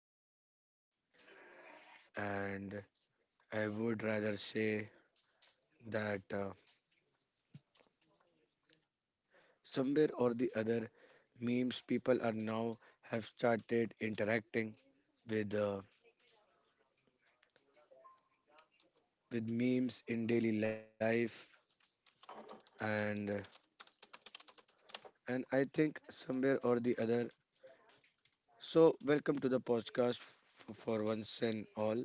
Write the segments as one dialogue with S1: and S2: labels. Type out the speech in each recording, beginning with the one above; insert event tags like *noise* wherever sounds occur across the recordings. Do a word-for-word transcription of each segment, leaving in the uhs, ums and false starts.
S1: of culture and society. And I would rather say that uh, somewhere or the other, memes people are now have started interacting with uh, with memes in daily life, and and I think somewhere or the other. So, welcome to the podcast f- for once and all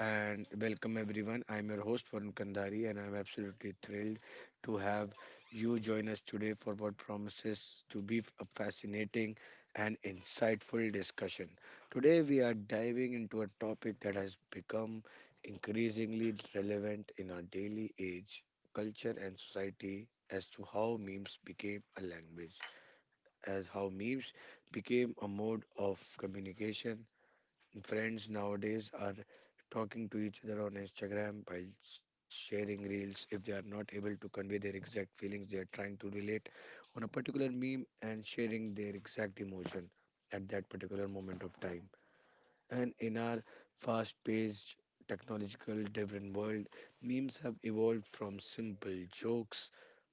S1: and welcome everyone. I'm your host Varun Kandari, and I'm absolutely thrilled to have you join us today for what promises to be a fascinating and insightful discussion. Today, we are diving into a topic that has become increasingly relevant in our daily age, culture, and society as to how memes became a language, as how memes became a mode of communication. Friends nowadays are talking to each other on Instagram by sharing reels. If they are not able to convey their exact feelings, they are trying to relate on a particular meme and sharing their exact emotion at that particular moment of time. And in our fast paced, technological, different world, memes have evolved from simple jokes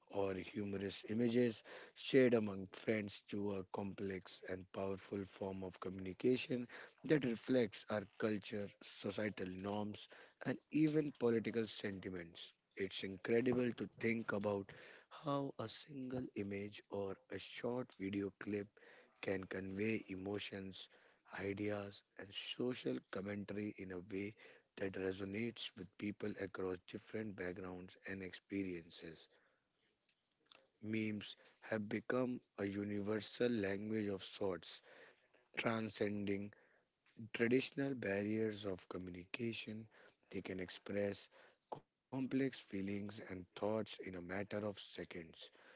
S1: or humorous images shared among friends to a complex and powerful form of communication that reflects our culture, societal norms, and even political sentiments. It's incredible to think about how a single image or a short video clip can convey emotions, ideas, and social commentary in a way that resonates with people across different backgrounds and experiences. Memes have become a universal language of sorts, transcending traditional barriers of communication. They can express complex feelings and thoughts in a matter of seconds,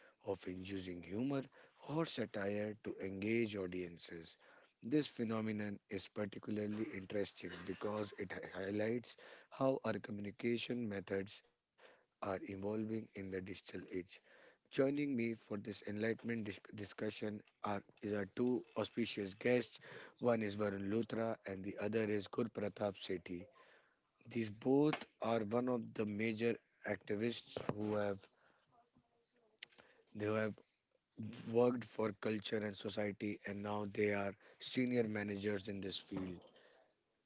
S1: often using humor or satire to engage audiences. This phenomenon is particularly interesting because it hi- highlights how our communication methods are evolving in the digital age. Joining me for this enlightenment dis- discussion are, is our two auspicious guests, one is Varun Luthra and the other is Gurpratap Sethi. These both are one of the major activists who have they have worked for culture and society, and now they are senior managers in this field,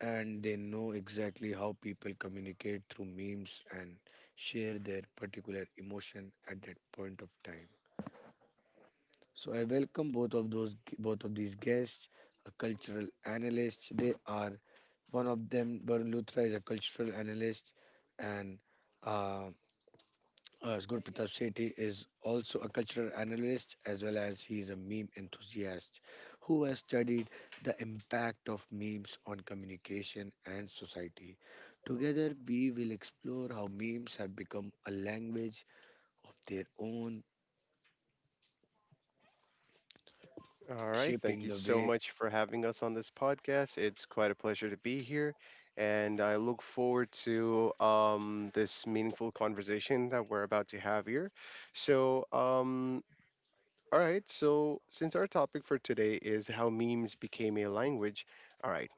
S1: and they know exactly how people communicate through memes and share their particular emotion at that point of time. So I welcome both of those both of these guests, a cultural analyst. They are. One of them, Varun Luthra, is a cultural analyst, and uh, uh, Gurpratap Sethi is also a cultural analyst as well as he is a meme enthusiast who has studied the impact of memes on communication and society. Together, we will explore how memes have become a language of their own,
S2: All right. Thank
S1: shaping
S2: you
S1: the
S2: so
S1: way.
S2: much for having us on this podcast. It's quite a pleasure to be here. And I look forward to um, this meaningful conversation that we're about to have here. So, um, all right. So, since our topic for today is how memes became a language, all right.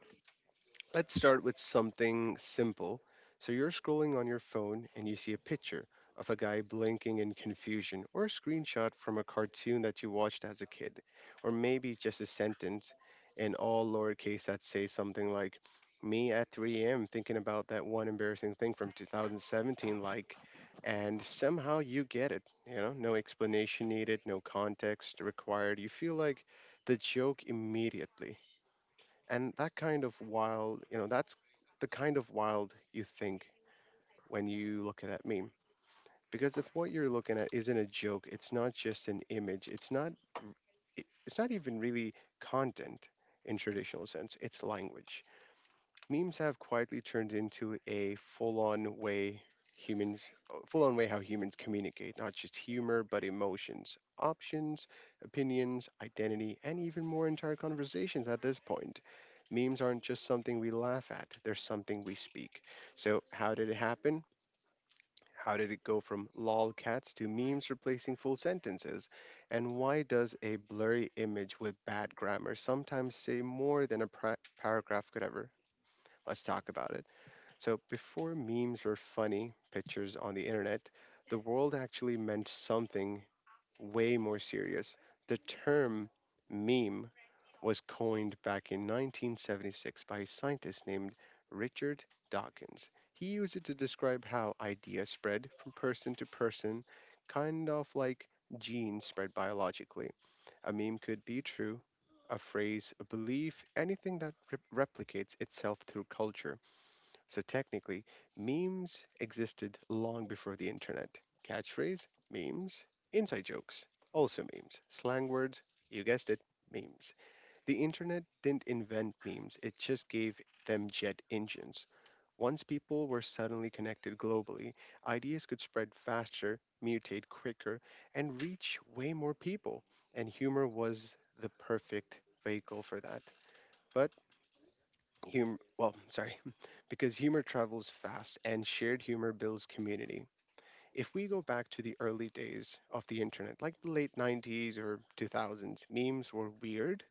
S2: Let's start with something simple. So you're scrolling on your phone and you see a picture of a guy blinking in confusion or a screenshot from a cartoon that you watched as a kid, or maybe just a sentence in all lowercase that says something like, Me at three a m thinking about that one embarrassing thing from two thousand seventeen, like, and somehow you get it. You know, no explanation needed, no context required. You feel like the joke immediately, and that kind of wild, you know that's the kind of wild you think when you look at that meme, because if what you're looking at isn't a joke, it's not just an image, it's not it- it's not even really content in traditional sense, it's language. Memes have quietly turned into a full-on way humans uh, full-on way how humans communicate, not just humor but emotions options opinions identity and even more entire conversations at this point. Memes aren't just something we laugh at, they're something we speak. So how did it happen? How did it go from lolcats to memes replacing full sentences? And why does a blurry image with bad grammar sometimes say more than a pra- paragraph could ever? Let's talk about it. So, before memes were funny pictures on the internet, the world actually meant something way more serious. The term meme was coined back in nineteen seventy-six by a scientist named Richard Dawkins. He used it to describe how ideas spread from person to person, kind of like genes spread biologically. A meme could be true, a phrase, a belief, anything that rep- replicates itself through culture. So technically, memes existed long before the internet. Catchphrase, memes. Inside jokes, also memes. Slang words, you guessed it, memes. The internet didn't invent memes, it just gave them jet engines. Once people were suddenly connected globally, ideas could spread faster, mutate quicker, and reach way more people. And humor was the perfect vehicle for that. But humor, well, sorry, because humor travels fast and shared humor builds community. If we go back to the early days of the internet, like the late nineties or two thousands, memes were weird.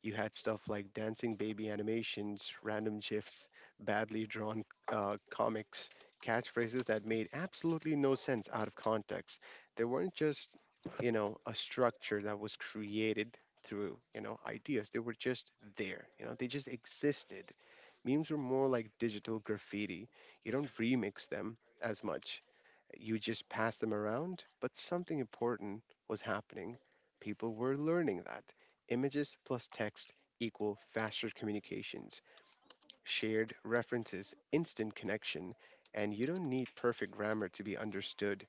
S2: You had stuff like dancing baby animations, random GIFs, badly drawn uh, comics, catchphrases that made absolutely no sense out of context. They weren't just, you know, a structure that was created through, you know, ideas. They were just there. You know, they just existed. Memes were more like digital graffiti. You don't remix them as much, you just pass them around, but something important was happening. People were learning that images plus text equal faster communications, shared references, instant connection, and you don't need perfect grammar to be understood.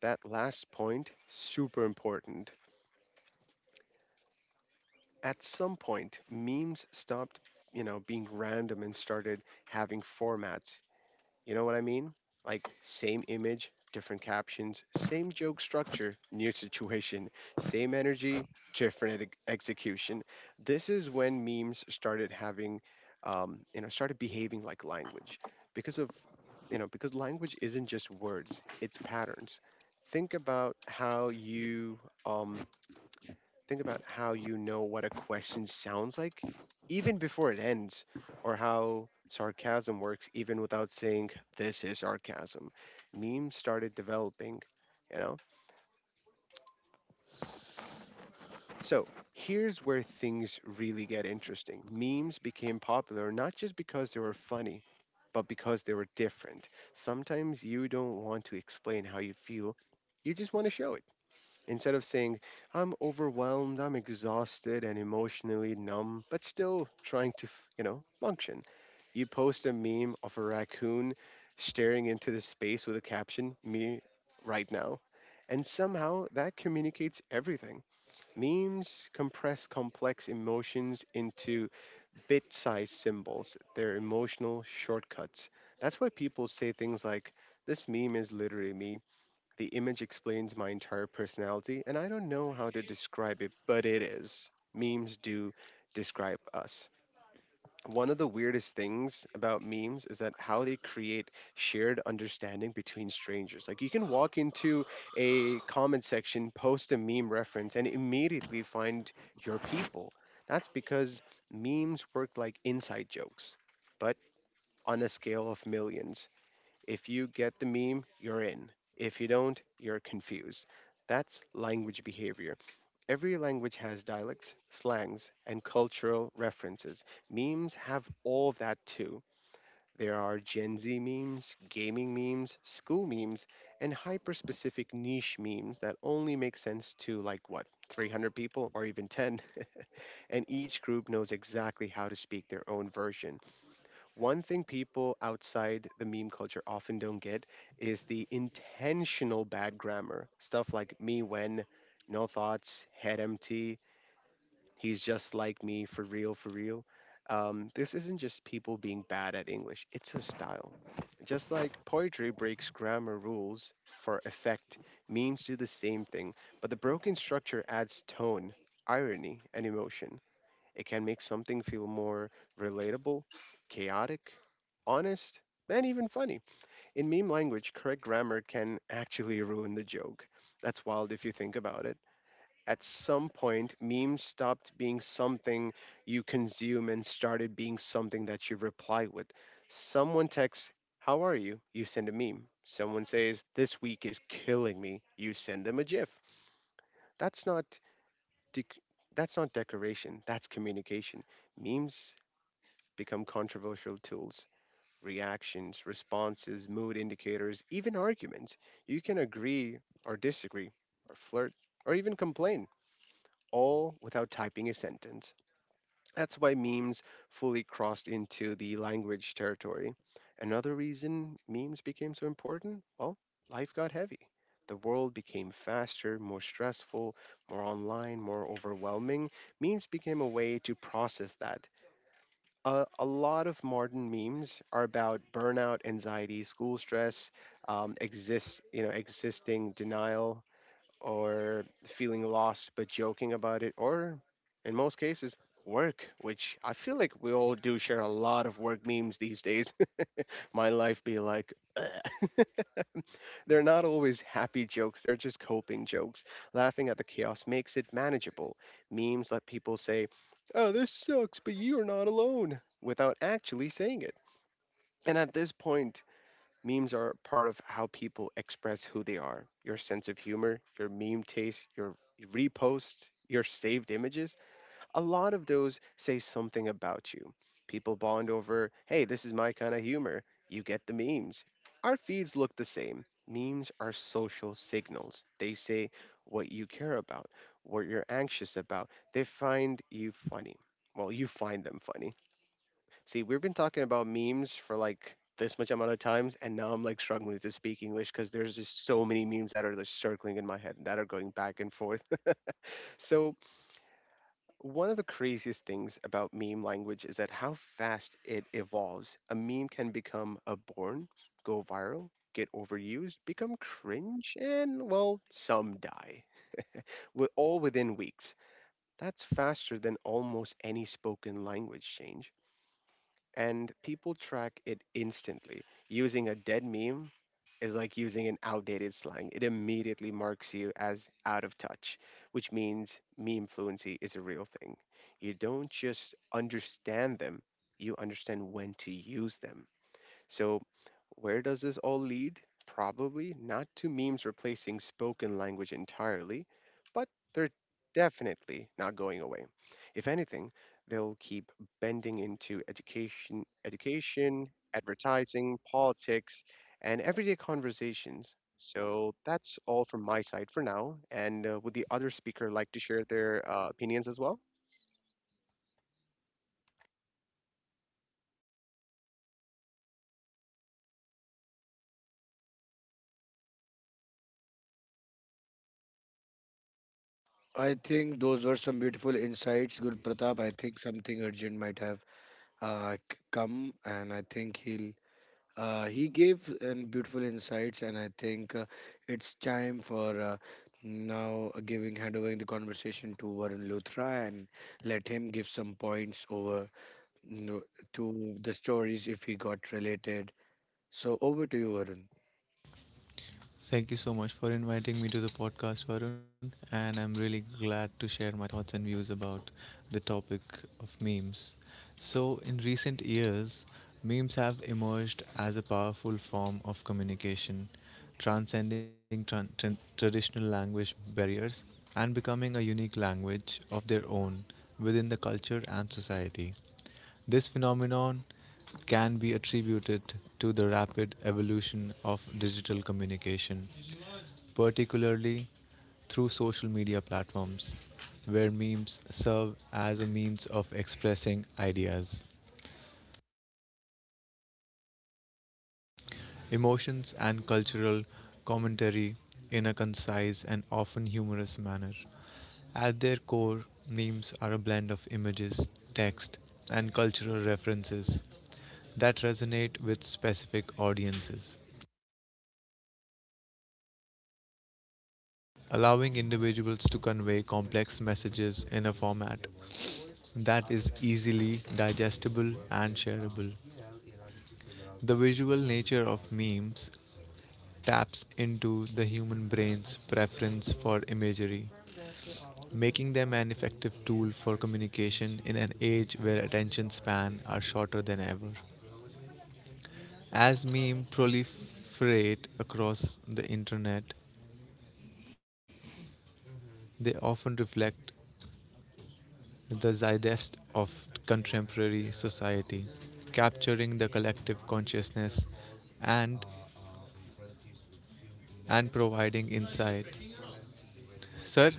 S2: That last point, super important. At some point, memes stopped, you know, being random and started having formats. You know what I mean? Like, same image, different captions, same joke structure, new *laughs* situation, same energy, different ex- execution. This is when memes started having, um, you know, started behaving like language, because of, you know, because language isn't just words, it's patterns. Think about how you, um, Think about how you know what a question sounds like even before it ends, or how sarcasm works even without saying, This is sarcasm. Memes started developing, you know? So here's where things really get interesting. Memes became popular not just because they were funny, but because they were different. Sometimes you don't want to explain how you feel, you just want to show it. Instead of saying, I'm overwhelmed, I'm exhausted and emotionally numb, but still trying to, f- you know, function, you post a meme of a raccoon staring into the space with a caption, me right now. And somehow that communicates everything. Memes compress complex emotions into bit sized symbols, they're emotional shortcuts. That's why people say things like, This meme is literally me, the image explains my entire personality, and I don't know how to describe it, but it is. Memes do describe us. One of the weirdest things about memes is that how they create shared understanding between strangers. Like you can walk into a comment section, post a meme reference, and immediately find your people. That's because memes work like inside jokes, but on a scale of millions. If you get the meme, you're in. If you don't, you're confused. That's language behavior. Every language has dialects, slangs, and cultural references. Memes have all of that too. There are Gen Z memes, gaming memes, school memes, and hyper specific niche memes that only make sense to, like, what, three hundred people or even ten? And each group knows exactly how to speak their own version. One thing people outside the meme culture often don't get is the intentional bad grammar. Stuff like me when, no thoughts, head empty, he's just like me for real, for real. Um, this isn't just people being bad at English, it's a style. Just like poetry breaks grammar rules for effect, memes do the same thing, but the broken structure adds tone, irony, and emotion. It can make something feel more relatable, chaotic, honest, and even funny. In meme language, correct grammar can actually ruin the joke. That's wild if you think about it. At some point, memes stopped being something you consume and started being something that you reply with. Someone texts, How are you? You send a meme. Someone says, This week is killing me. You send them a GIF. That's not. Dec- that's not decoration, that's communication. Memes become controversial tools. Reactions, responses, mood indicators, even arguments. You can agree or disagree, or flirt, or even complain, all without typing a sentence. That's why memes fully crossed into the language territory. Another reason memes became so important? Well, life got heavy. The world became faster, more stressful, more online, more overwhelming. Memes became a way to process that a, a lot of modern memes are about burnout, anxiety, school stress, um, exist you know existing denial or feeling lost but joking about it, or in most cases work, which I feel like we all do share a lot of work memes these days. *laughs* My life be like. *laughs* They're not always happy jokes, they're just coping jokes. Laughing at the chaos makes it manageable. Memes let people say, Oh, this sucks, but you're not alone, without actually saying it. And at this point, memes are part of how people express who they are. Your sense of humor, your meme taste, your reposts, your saved images, a lot of those say something about you. People bond over, hey, this is my kind of humor. You get the memes. Our feeds look the same. Memes are social signals. They say what you care about, what you're anxious about. They find you funny. Well, you find them funny. See, we've been talking about memes for like this much amount of times, and now I'm like struggling to speak English because there's just so many memes that are like circling in my head that are going back and forth. *laughs* So, one of the craziest things about meme language is that how fast it evolves. A meme can become a born, go viral, get overused, become cringe, and well, some die. Wi- All within weeks. That's faster than almost any spoken language change, and people track it instantly. Using a dead meme is like using an outdated slang. It immediately marks you as out of touch, which means meme fluency is a real thing. You don't just understand them, you understand when to use them. So, where does this all lead? Probably not to memes replacing spoken language entirely, but they're definitely not going away. If anything, they'll keep bending into education, education, advertising, politics, and everyday conversations. So that's all from my side for now. And uh, would the other speaker like to share their uh, opinions as well?
S1: I think those were some beautiful insights, Guru Pratap. I think something urgent might have uh, c- come, and I think he'll. Uh, he gave an beautiful insights, and I think uh, it's time for uh, now giving handovering the conversation to Varun Luthra and let him give some points over you to the stories if he got related. So over to you, Varun.
S3: Thank you so much for inviting me to the podcast, Varun, and I'm really glad to share my thoughts and views about the topic of memes. So, in recent years, memes have emerged as a powerful form of communication, transcending tran- tran- traditional language barriers and becoming a unique language of their own within the culture and society. This phenomenon can be attributed to the rapid evolution of digital communication, particularly through social media platforms, where memes serve as a means of expressing ideas, emotions, and cultural commentary in a concise and often humorous manner. At their core, memes are a blend of images, text, and cultural references that resonate with specific audiences, allowing individuals to convey complex messages in a format that is easily digestible and shareable. The visual nature of memes taps into the human brain's preference for imagery, making them an effective tool for communication in an age where attention span are shorter than ever. As memes proliferate across the internet, they often reflect the zeitgeist of contemporary society, capturing the collective consciousness and and providing insight. Sir,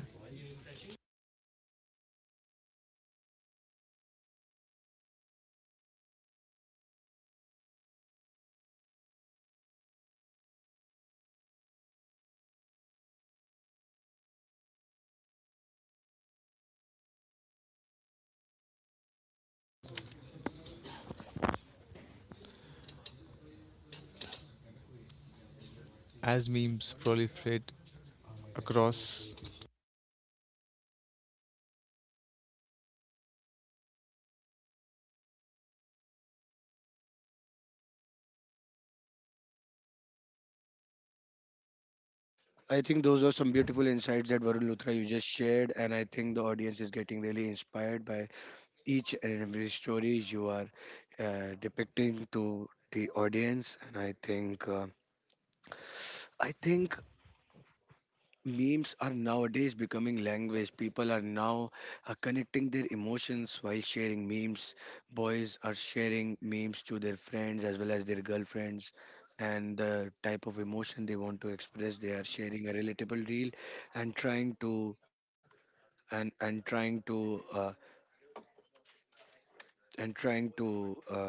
S3: as memes proliferate across
S1: I think those are some beautiful insights that Varun Luthra you just shared, and I think the audience is getting really inspired by each and every story you are uh, depicting to the audience, and I think. Uh, I think memes are nowadays becoming language. People are now uh, connecting their emotions while sharing memes. Boys are sharing memes to their friends as well as their girlfriends. And the type of emotion they want to express, they are sharing a relatable reel and trying to and and trying to uh, and trying to uh,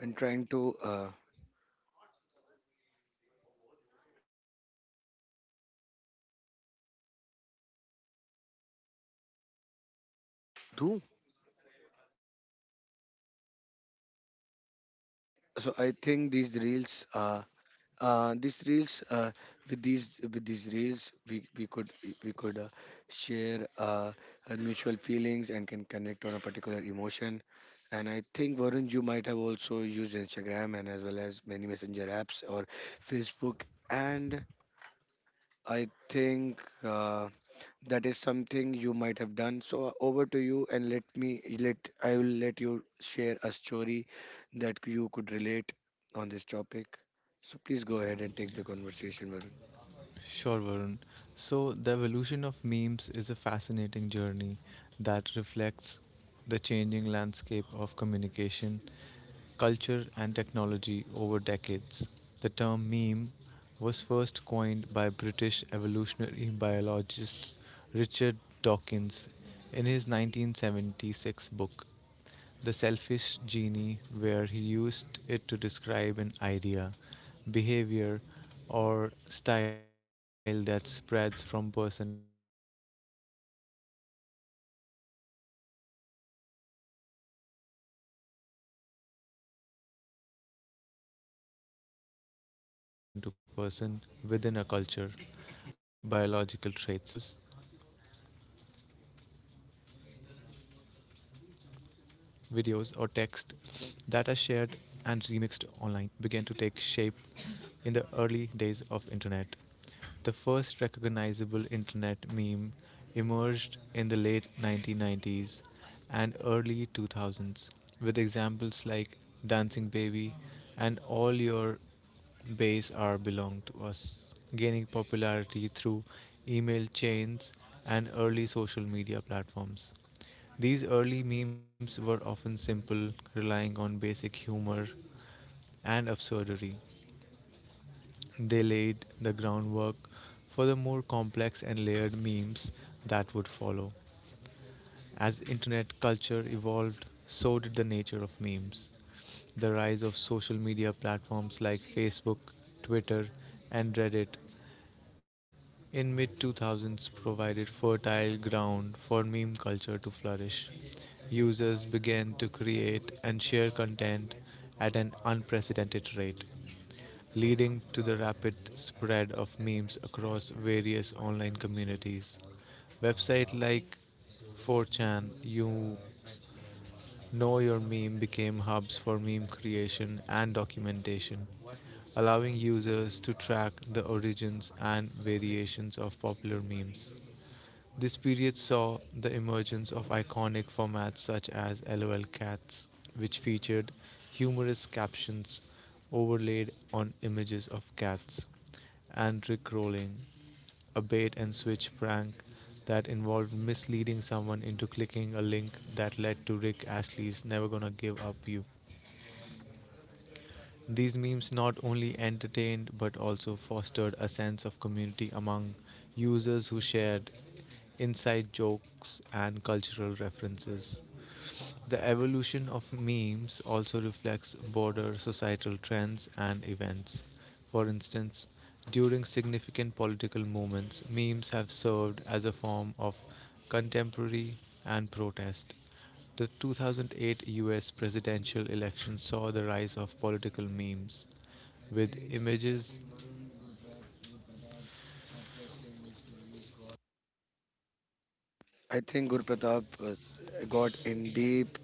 S1: and trying to uh, do. So I think these reels uh, uh, these reels uh, with these with these reels we, we could we could uh, share uh, our mutual feelings and can connect on a particular emotion. And I think Varun, you might have also used Instagram and as well as many messenger apps or Facebook, and I think uh, that is something you might have done. So uh, over to you, and let me let I will let you share a story that you could relate on this topic. So please go ahead and take the conversation, Varun.
S3: Sure, Varun. So, the evolution of memes is a fascinating journey that reflects the changing landscape of communication, culture, and technology over decades. The term meme was first coined by British evolutionary biologist Richard Dawkins in his nineteen seventy-six book the Selfish Genie, where he used it to describe an idea, behavior, or style that spreads from person to person within a culture, akin to the way genes propagate biological traits. However, the modern understanding of memes as humorous images, videos, videos, or text that are shared and remixed online began to take shape in the early days of internet. The first recognizable internet meme emerged in the late nineteen nineties and early two thousands with examples like Dancing Baby and All Your base are belong to us, gaining popularity through email chains and early social media platforms. These early memes were often simple, relying on basic humor and absurdity. They laid the groundwork for the more complex and layered memes that would follow. As internet culture evolved, so did the nature of memes. The rise of social media platforms like Facebook, Twitter, and Reddit in mid two thousands provided fertile ground for meme culture to flourish. Users began to create and share content at an unprecedented rate, leading to the rapid spread of memes across various online communities. Websites like four chan, you Know Your Meme became hubs for meme creation and documentation, allowing users to track the origins and variations of popular memes. This period saw the emergence of iconic formats such as LOL Cats, which featured humorous captions overlaid on images of cats, and Rickrolling, a bait and switch prank that involved misleading someone into clicking a link that led to Rick Astley's Never Gonna Give Up You. These memes not only entertained but also fostered a sense of community among users who shared inside jokes and cultural references. The evolution of memes also reflects broader societal trends and events. For instance, during significant political movements, memes have served as a form of contemporary and protest. The two thousand eight U S presidential election saw the rise of political memes with images.
S1: I think Guru Pratap uh, got in deep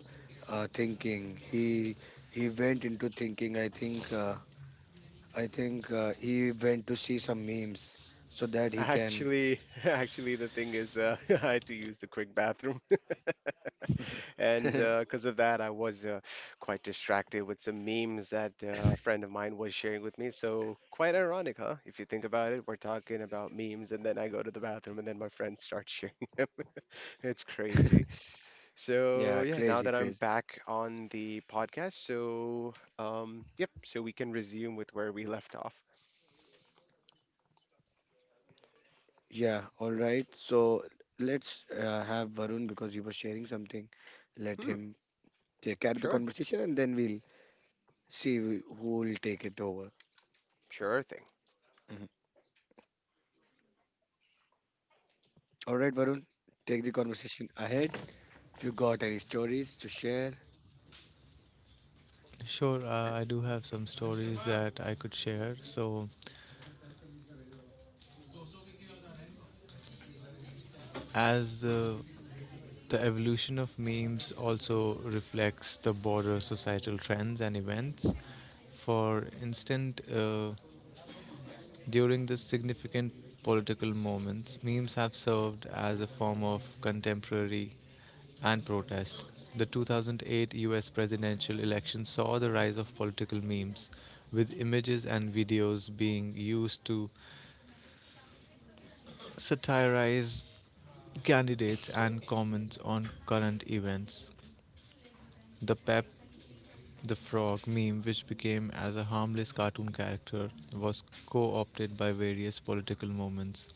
S1: uh, thinking. He he went into thinking. I think uh, I think uh, he went to see some memes so that he can.
S2: Actually, *laughs* actually, the thing is, uh, *laughs* I had to use the quick bathroom, *laughs* and uh,
S1: *laughs*
S2: because of that, I was uh, quite distracted with some memes that uh, a friend of mine was sharing with me. So quite ironic, huh? If you think about it, we're talking about memes, and then I go to the bathroom, and then my friend starts sharing. *laughs* It's crazy. So
S1: Yeah,
S2: yeah, now
S1: crazy,
S2: that I'm
S1: crazy.
S2: back on the podcast, so um, yep, so we can resume with where we left off.
S1: Yeah, all right. So let's uh, have Varun because he was sharing something. Let
S2: Hmm,
S1: him take, carry the
S2: sure,
S1: conversation, and then we'll see wh- who will take it over.
S2: sure thing.
S1: Mhm. All right, Varun, take the conversation ahead. If you got any stories to share.
S3: Sure, uh, I do have some stories that I could share. So, as uh, the evolution of memes also reflects the broader societal trends and events. For instance, uh, during the significant political moments, memes have served as a form of contemporary and protest. The two thousand eight U S presidential election saw the rise of political memes, with images and videos being used to satirize candidates and comments on current events. The Pep the Frog meme, which became as a harmless cartoon character, was co opted by various political movements,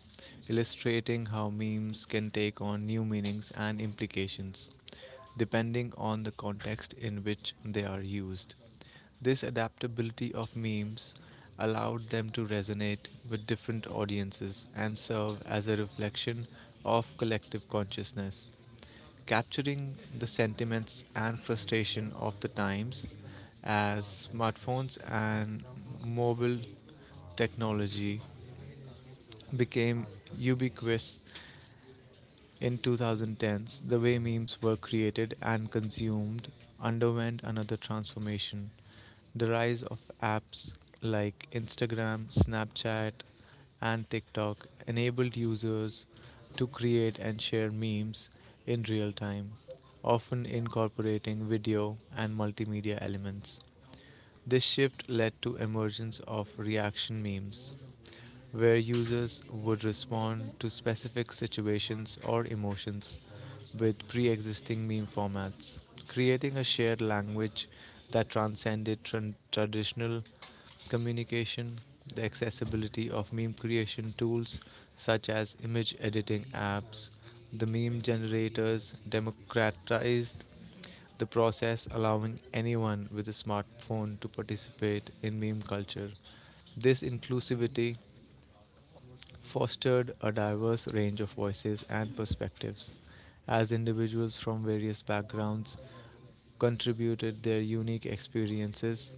S3: illustrating how memes can take on new meanings and implications, depending on the context in which they are used. This adaptability of memes allowed them to resonate with different audiences and serve as a reflection of collective consciousness capturing the sentiments and frustration of the times as smartphones and mobile technology became ubiquitous in twenty tens. The way memes were created and consumed underwent another transformation. The rise of apps like Instagram, Snapchat, and TikTok enabled users to create and share memes in real time, often incorporating video and multimedia elements. This shift led to emergence of reaction memes, where users would respond to specific situations or emotions with pre-existing meme formats, creating a shared language that transcended tran- traditional communication. The accessibility of meme creation tools such as image editing apps, the meme generators democratized the process allowing anyone with a smartphone to participate in meme culture. This inclusivity fostered a diverse range of voices and perspectives as individuals from various backgrounds contributed their unique experiences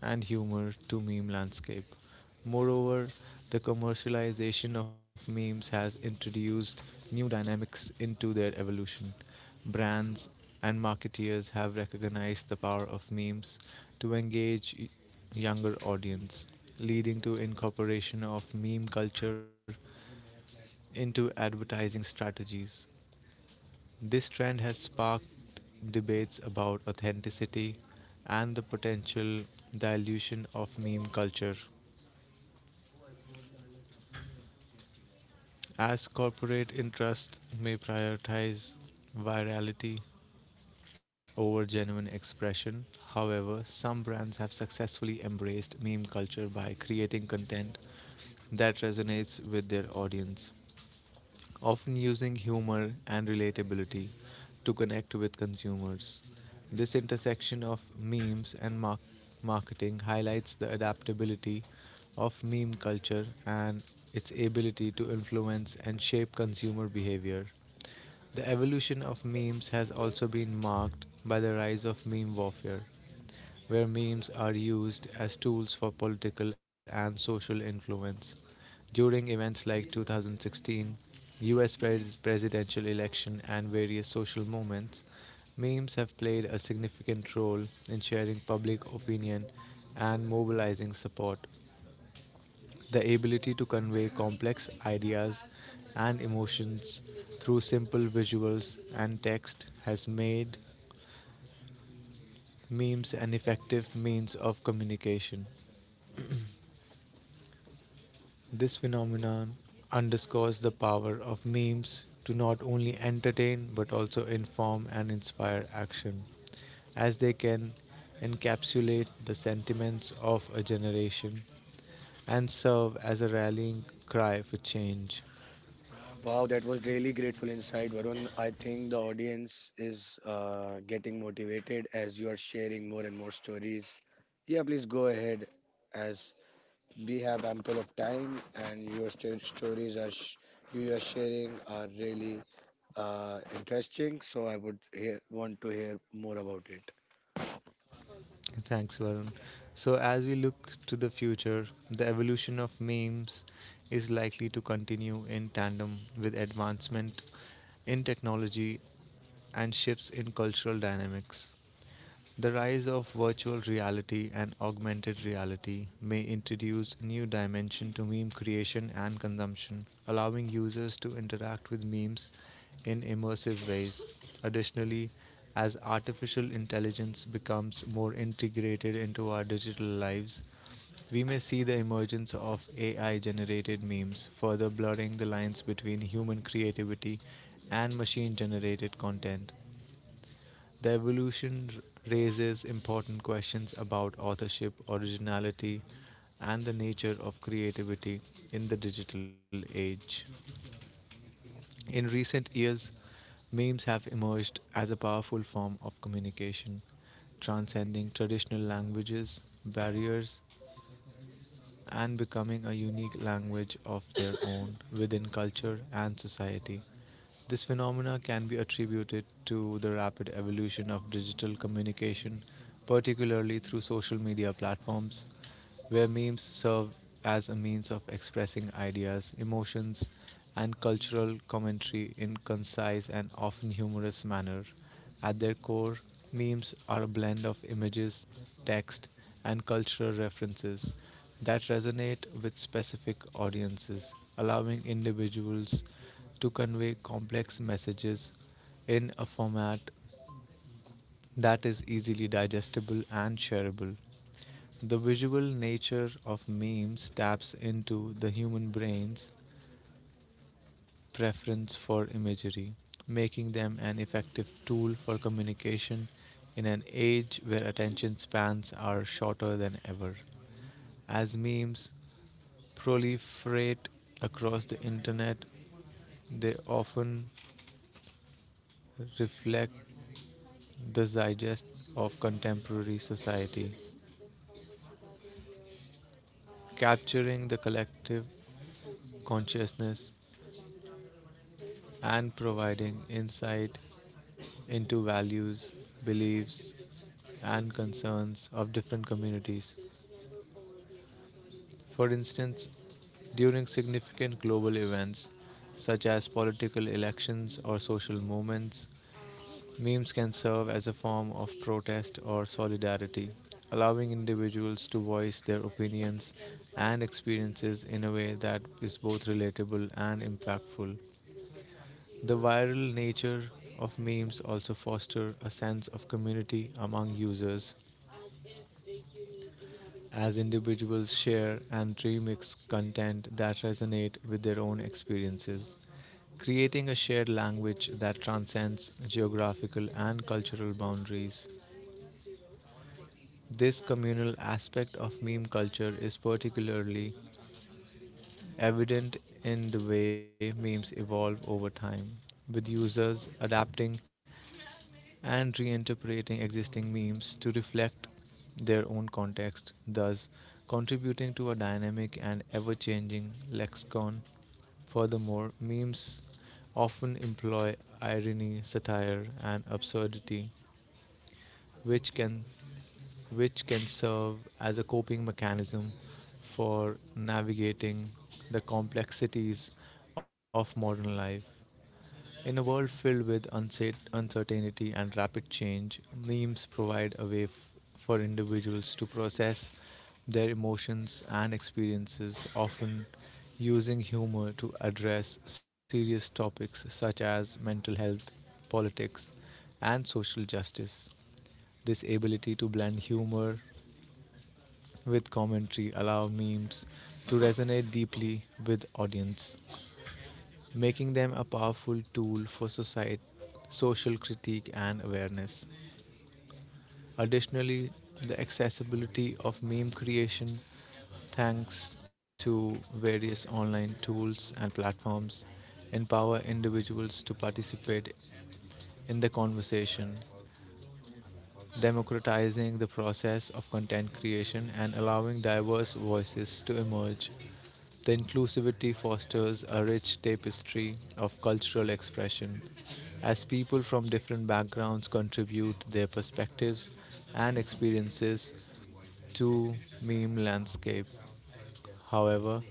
S3: and humor to meme landscape. Moreover, the commercialization of memes has introduced new dynamics into their evolution. Brands and marketeers have recognized the power of memes to engage y- younger audience, leading to incorporation of meme culture into advertising strategies. This trend has sparked debates about authenticity and the potential dilution of meme culture. As corporate interests may prioritize virality over genuine expression, however, some brands have successfully embraced meme culture by creating content that resonates with their audience often using humor and relatability to connect with consumers. This intersection of memes and mar- marketing highlights the adaptability of meme culture and its ability to influence and shape consumer behavior. The evolution of memes has also been marked by the rise of meme warfare where memes are used as tools for political and social influence. During events like two thousand sixteen, U S pres- presidential election, and various social moments, memes have played a significant role in sharing public opinion and mobilizing support. The ability to convey complex ideas and emotions through simple visuals and text has made memes an effective means of communication. This phenomenon underscores the power of memes to not only entertain but also inform and inspire action, as they can encapsulate the sentiments of a generation and serve as a rallying cry for change.
S1: Wow, that was really grateful insight, Varun. I think the audience is uh, getting motivated as you are sharing more and more stories. Yeah, please go ahead as we have ample of time, and your sto- stories are sh- you are sharing are really uh, interesting. So I would hear, want to hear more about it.
S3: Thanks, Varun. So, as we look to the future, the evolution of memes is likely to continue in tandem with advancement in technology and shifts in cultural dynamics. The rise of virtual reality and augmented reality may introduce new dimension to meme creation and consumption, allowing users to interact with memes in immersive ways. Additionally, as artificial intelligence becomes more integrated into our digital lives, we may see the emergence of A I generated memes, further blurring the lines between human creativity and machine generated content. The evolution r- raises important questions about authorship, originality, and the nature of creativity in the digital age. In recent years, memes have emerged as a powerful form of communication, transcending traditional languages, barriers, and becoming a unique language of their own within culture and society. This phenomena can be attributed to the rapid evolution of digital communication, particularly through social media platforms, where memes serve as a means of expressing ideas, emotions, and cultural commentary in concise and often humorous manner. At their core, memes are a blend of images, text, and cultural references that resonate with specific audiences, allowing individuals to convey complex messages in a format that is easily digestible and shareable. The visual nature of memes taps into the human brain's preference for imagery, making them an effective tool for communication in an age where attention spans are shorter than ever. As memes proliferate across the internet, they often reflect the zeitgeist of contemporary society, capturing the collective consciousness and providing insight into values, beliefs, and concerns of different communities. For instance, during significant global events such as political elections or social movements, memes can serve as a form of protest or solidarity, allowing individuals to voice their opinions and experiences in a way that is both relatable and impactful. The viral nature of memes also foster a sense of community among users as individuals share and remix content that resonate with their own experiences, creating a shared language that transcends geographical and cultural boundaries. This communal aspect of meme culture is particularly evident in the way memes evolve over time, with users adapting and reinterpreting existing memes to reflect their own context, thus contributing to a dynamic and ever changing lexicon. Furthermore, memes often employ irony, satire, and absurdity which can which can serve as a coping mechanism for navigating the complexities of modern life. In a world filled with unsat- uncertainty and rapid change, memes provide a way f- for individuals to process their emotions and experiences, often using humor to address serious topics such as mental health, politics, and social justice. This ability to blend humor with commentary allow memes to resonate deeply with audience making them a powerful tool for society, social critique, and awareness. Additionally, the accessibility of meme creation, thanks to various online tools and platforms, empower individuals to participate in the conversation democratizing the process of content creation and allowing diverse voices to emerge. The inclusivity fosters a rich tapestry of cultural expression as people from different backgrounds contribute their perspectives and experiences to meme landscape. However,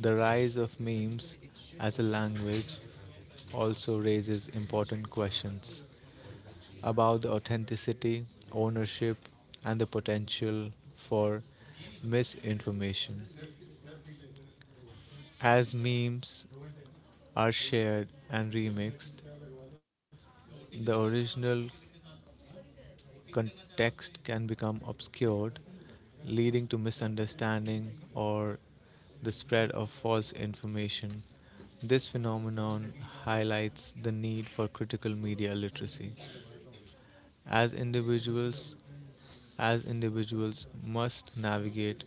S3: the rise of memes as a language also raises important questions about the authenticity, ownership, and the potential for misinformation. As memes are shared and remixed, the original context can become obscured, leading to misunderstanding or the spread of false information. This phenomenon highlights the need for critical media literacy, as individuals as individuals must navigate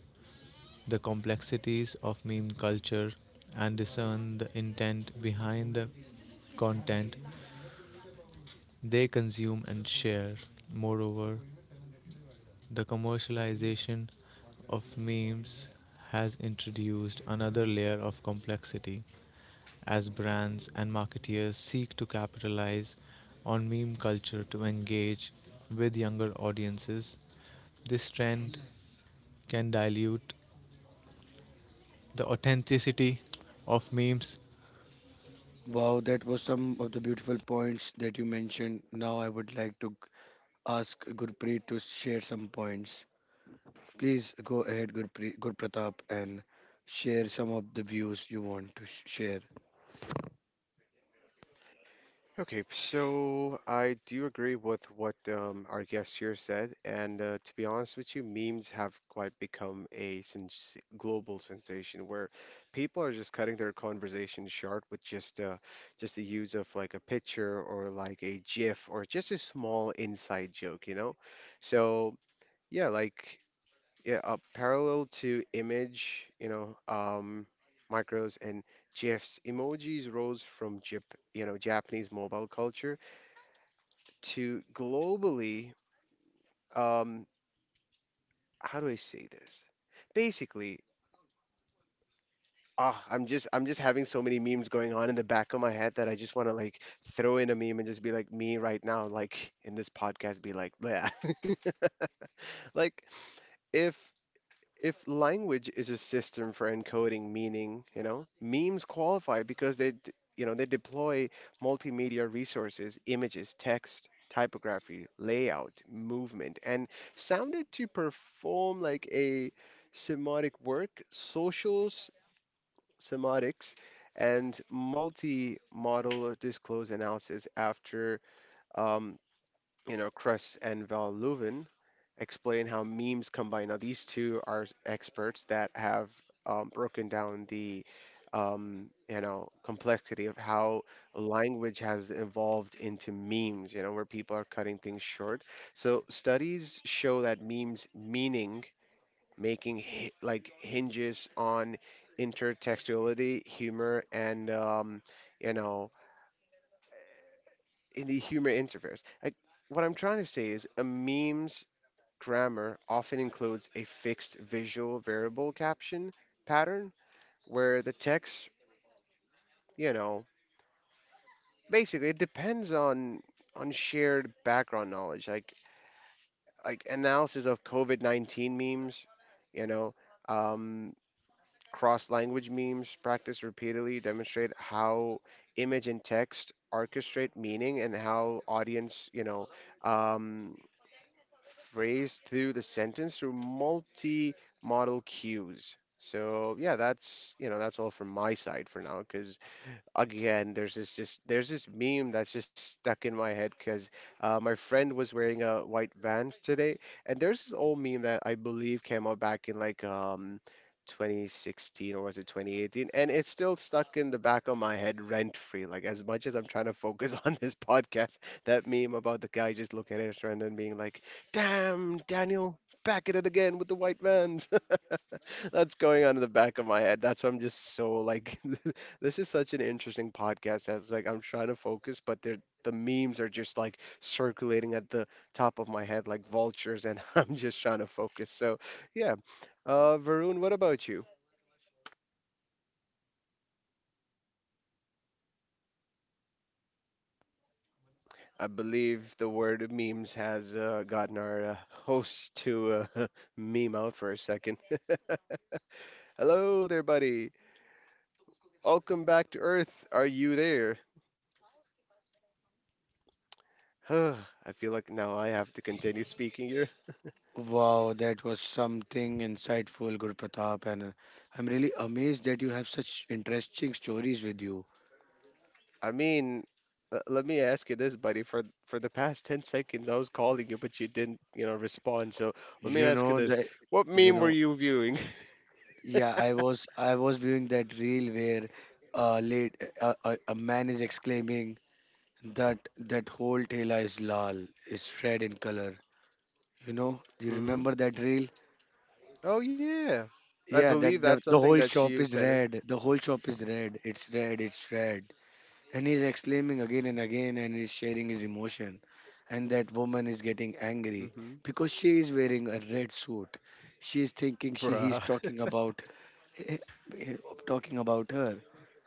S3: the complexities of meme culture and discern the intent behind the content they consume and share. Moreover, the commercialization of memes has introduced another layer of complexity as brands and marketeers seek to capitalize on meme culture to engage with younger audiences. This trend can dilute the authenticity of memes.
S1: Wow, that was some of the beautiful points that you mentioned. Now I would like to ask Gurpreet to share some points. Please go ahead, Gurpreet, Gurpratap, and share some of the views you want to sh- share.
S2: Okay, so I do agree with what um, our guest here said, and uh, to be honest with you, memes have quite become a sens global sensation where people are just cutting their conversation short with just uh, just the use of like a picture or like a GIF or just a small inside joke, you know? So yeah, like yeah, uh, parallel to image, you know, um, micros and GIFs, emojis rose from Jap you know, Japanese mobile culture to globally, um, how do I say this? Basically, ah, I'm just I'm just having so many memes going on in the back of my head that I just want to like throw in a meme and just be like me right now, like in this podcast, be like, bleh. *laughs* Like if if language is a system for encoding meaning, you know, memes qualify because they, d- you know, they deploy multimedia resources, images, text, typography, layout, movement, and sounded to perform like a semiotic work, social s- semiotics, and multi-model disclose analysis after, um, you know, Kress and Van Leeuwen explain how memes combine. Now, these two are experts that have um, broken down the um, you know, complexity of how language has evolved into memes. You know, where people are cutting things short. So studies show that memes meaning making hi- like hinges on intertextuality, humor, and um, you know, in the humor interface. Like what I'm trying to say is a meme grammar often includes a fixed visual variable caption pattern where the text, you know, basically it depends on on shared background knowledge, like like analysis of COVID nineteen memes, you know, um, cross-language memes practiced repeatedly demonstrate how image and text orchestrate meaning and how audience, you know, um, phrase through the sentence through multi-modal cues. So yeah, that's you know that's all from my side for now because again there's this just there's this meme that's just stuck in my head because uh, my friend was wearing a white Vans today and there's this old meme that I believe came out back in like um twenty sixteen or was it twenty eighteen, and it's still stuck in the back of my head rent free like as much as I'm trying to focus *laughs* on this podcast. That meme about the guy just looking at his friend and being like damn Daniel back at it again with the white Vans, that's going on in the back of my head. That's why I'm just so like, *laughs* this is such an interesting podcast. That's like I'm trying to focus, but they're, the memes are just like circulating at the top of my head like vultures, and *laughs* I'm just trying to focus. So, yeah. Uh, Varun, what about you? I believe the word memes has uh, gotten our uh, host to uh, *laughs* meme out for a second. *laughs* Hello there, buddy. Welcome back to Earth. Are you there? *sighs* I feel like now I have to continue speaking here.
S1: Wow, that was something insightful, Guru Pratap, and uh, I'm really amazed that you have such interesting stories with you.
S2: I mean, l- let me ask you this, buddy. For for the past ten seconds, I was calling you, but you didn't, you know, respond. So let me
S1: You
S2: ask you
S1: know
S2: this.
S1: that,
S2: What
S1: you
S2: meme were
S1: know,
S2: you viewing? *laughs*
S1: yeah, I was I was viewing that reel where a late a, a, a man is exclaiming that that whole tailor is lal, is red in color. You know, you
S2: Mm-hmm.
S1: remember that reel?
S2: Oh, yeah. I
S1: Yeah,
S2: believe
S1: that the
S2: that's
S1: the
S2: something
S1: whole
S2: that
S1: shop
S2: you
S1: is
S2: sent it.
S1: red. The whole shop is red. It's red. It's red. And he's exclaiming again and again, and he's sharing his emotion. And that woman is getting angry
S2: Mm-hmm.
S1: because she is wearing a red suit. She is thinking she he's
S2: Bruh.
S1: talking about eh, eh, talking about her,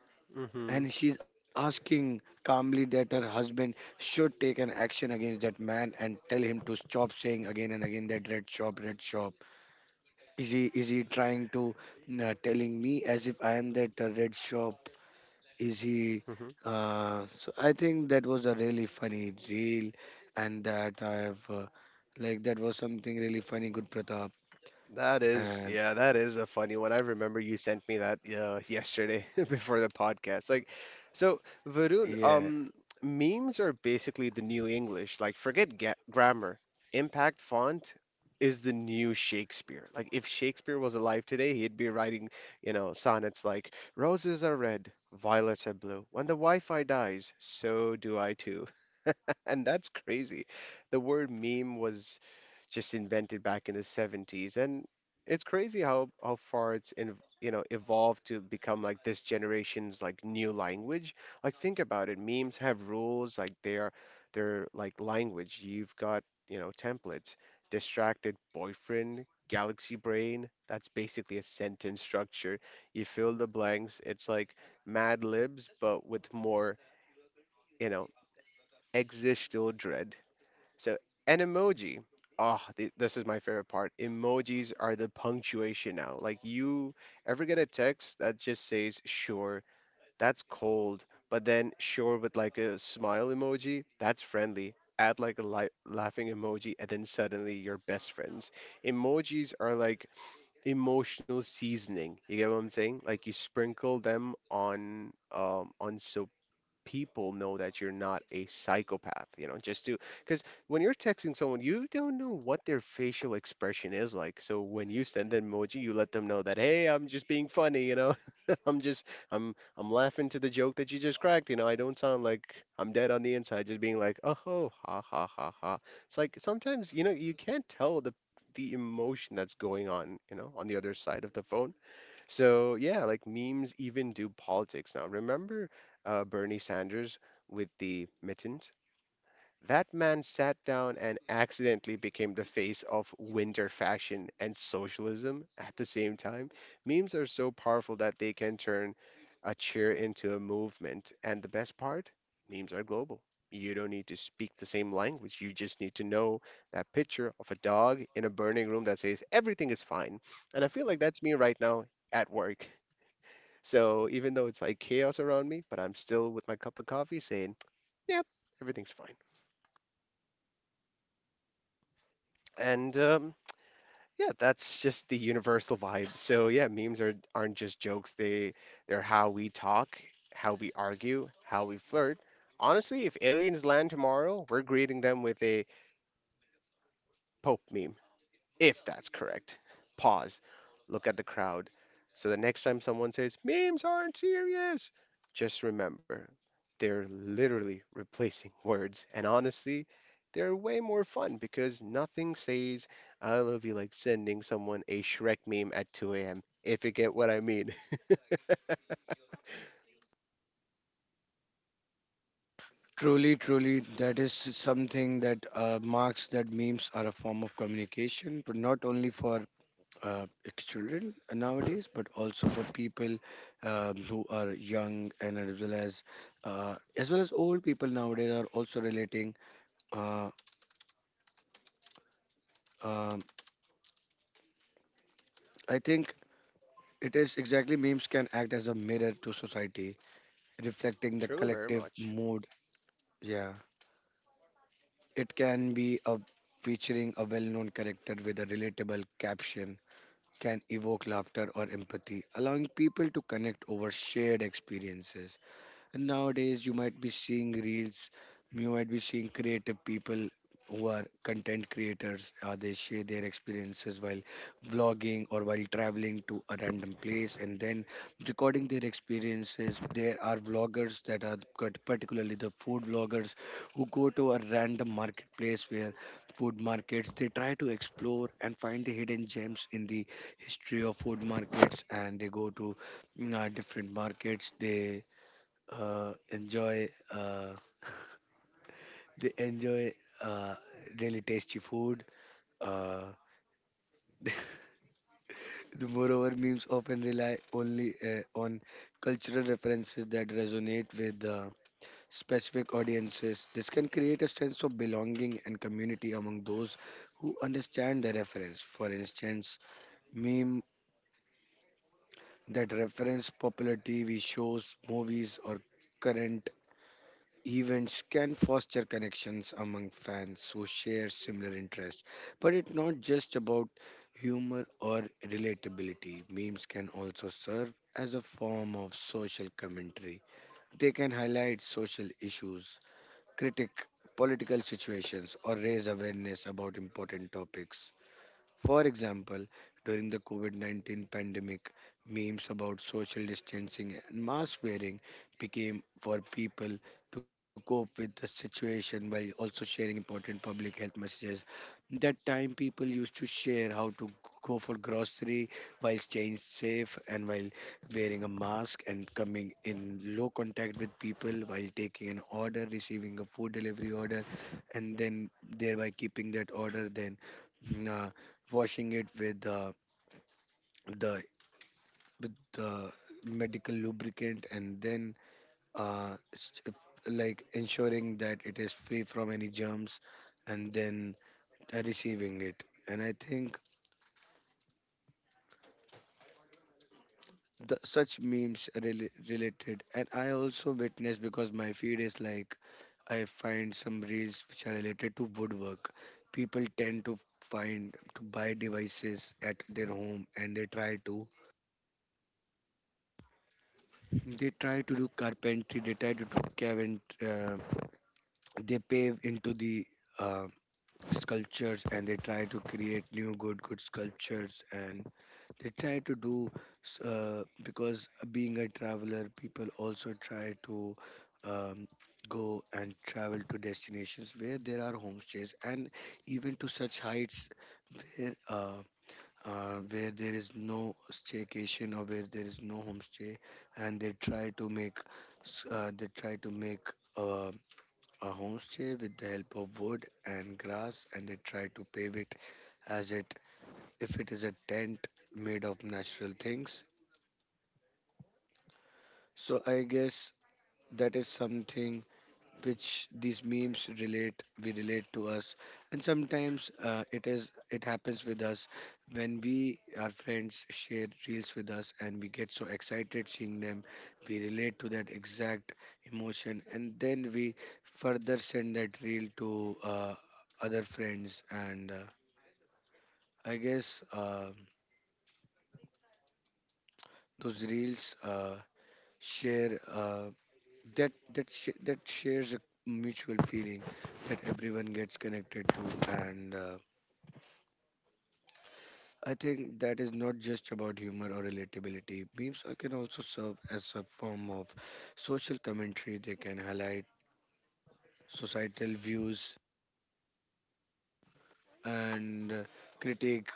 S2: *laughs* Mm-hmm.
S1: and she's asking calmly that her husband should take an action against that man and tell him to stop saying again and again that red shop, red shop. Is he is he trying to uh, telling me as if I am that uh, red shop? Is he uh, so I think that was a really funny reel, and that I have uh, like that was something really funny, good Pratap.
S2: That is,
S1: And
S2: yeah, that is a funny one. I remember you sent me that uh, yesterday *laughs* before the podcast. Like, so Varun,
S1: yeah,
S2: um, memes are basically the new English. Like, forget ga grammar. Impact font is the new Shakespeare. Like, if Shakespeare was alive today, he'd be writing, you know, sonnets like "Roses are red, violets are blue. When the Wi-Fi dies, so do I too." And that's crazy. The word meme was just invented back in the seventies, and it's crazy how how far it's in, you know, evolved to become like this generation's like new language. Like think about it, memes have rules, like they're they're like language. You've got, you know, templates. Distracted boyfriend, galaxy brain, that's basically a sentence structure. You fill the blanks. It's like Mad Libs, but with more, you know, existential dread. So, an emoji. Oh, th- this is my favorite part. Emojis are the punctuation now. Like, you ever get a text that just says, sure, that's cold, but then sure with like a smile emoji, that's friendly. Add like a li- laughing emoji, and then suddenly you're best friends. Emojis are like emotional seasoning. You get what I'm saying? Like you sprinkle them on um on so people know that you're not a psychopath, you know, just to because when you're texting someone, you don't know what their facial expression is like. So when you send an emoji, you let them know that, hey, I'm just being funny, you know, *laughs* I'm just I'm I'm laughing to the joke that you just cracked, you know, I don't sound like I'm dead on the inside, just being like, oh, ho, ha ha ha ha. It's like sometimes, you know, you can't tell the the emotion that's going on, you know, on the other side of the phone. So yeah, like memes even do politics now. Remember uh, Bernie Sanders with the mittens? That man sat down and accidentally became the face of winter fashion and socialism at the same time. Memes are so powerful that they can turn a cheer into a movement. And the best part, memes are global. You don't need to speak the same language. You just need to know that picture of a dog in a burning room that says everything is fine. And I feel like that's me right now at work. So even though it's like chaos around me, but I'm still with my cup of coffee saying, yep, everything's fine. And um, yeah, that's just the universal vibe. So yeah, memes are aren't just jokes. They they're how we talk, how we argue, how we flirt. Honestly, if aliens land tomorrow, we're greeting them with a Pope meme. If that's correct. Pause. Look at the crowd. So the next time someone says, memes aren't serious, just remember, they're literally replacing *laughs* words. And honestly, they're way more fun because nothing says I love you like sending someone a Shrek meme at two a m. If you get what I mean.
S1: truly truly that is something that uh, marks that memes are a form of communication, but not only for uh, children nowadays, but also for people um, who are young and as well as uh, as well as old people nowadays are also relating uh, um, I think. It is exactly memes can act as a mirror to society,
S2: *laughs*
S1: reflecting the
S2: True, very
S1: collective
S2: much.
S1: mood. Yeah. It can be a featuring a well-known character with a relatable caption can evoke laughter or empathy, allowing people to connect over shared experiences. Nowadays, you might be seeing reels, you might be seeing creative people who are content creators. Uh, they share their experiences while vlogging or while traveling to a random place and then recording their experiences. There are vloggers that are cut- particularly the food vloggers who go to a random marketplace where food markets they try to explore and find the hidden gems in the history of food markets, and they go to mm, uh, different markets. They uh, enjoy uh, they enjoy uh, really tasty food. Uh, *laughs* the moreover, memes often rely only uh, on cultural references that resonate with uh, specific audiences. This can create a sense of belonging and community among those who understand the reference. For instance, meme that reference popular T V shows, movies, or current events can foster connections among fans who share similar interests, but it's not just about humor or relatability. Memes can also serve as a form of social commentary. They can highlight social issues, critic political situations, or raise awareness about important topics. For example, during the COVID nineteen pandemic, memes about social distancing and mask wearing became for people to cope with the situation by also sharing important public health messages. That time, people used to share how to go for grocery while staying safe and while wearing a mask and coming in low contact with people while taking an order, receiving a food delivery order, and then thereby keeping that order. Then uh, washing it with uh, the with the medical lubricant, and then uh, s- if- like ensuring that it is free from any germs, and then uh, receiving it. And I think the, such memes are rela- related, and I also witness because my feed is like I find some reels which are related to woodwork. People tend to find to buy devices at their home, and they try to They try to do carpentry, they try to do cavent, uh, they pave into the uh, sculptures, and they try to create new good, good sculptures. And they try to do, s- uh, because being a traveler, people also try to um, go and travel to destinations where there are homestays and even to such heights where. Uh, uh, where there is no staycation or where there is no homestay, and they try to make s- uh, they try to make uh, a homestay with the help of wood and grass, and they try to pave it as it if it is a tent made of natural things. So I guess that is something which these memes relate we relate to us, and sometimes uh, it is it happens with us when we our friends share reels with us and we get so excited seeing them. We relate to that exact emotion, and then we further send that reel to uh, other friends. And uh, I guess uh, Those reels uh, share uh, that that sh- that shares a mutual feeling that everyone gets connected to. And uh, I think that is not just about humor or relatability. Memes uh, can also serve as a form of social commentary. They can highlight societal views and uh, critique,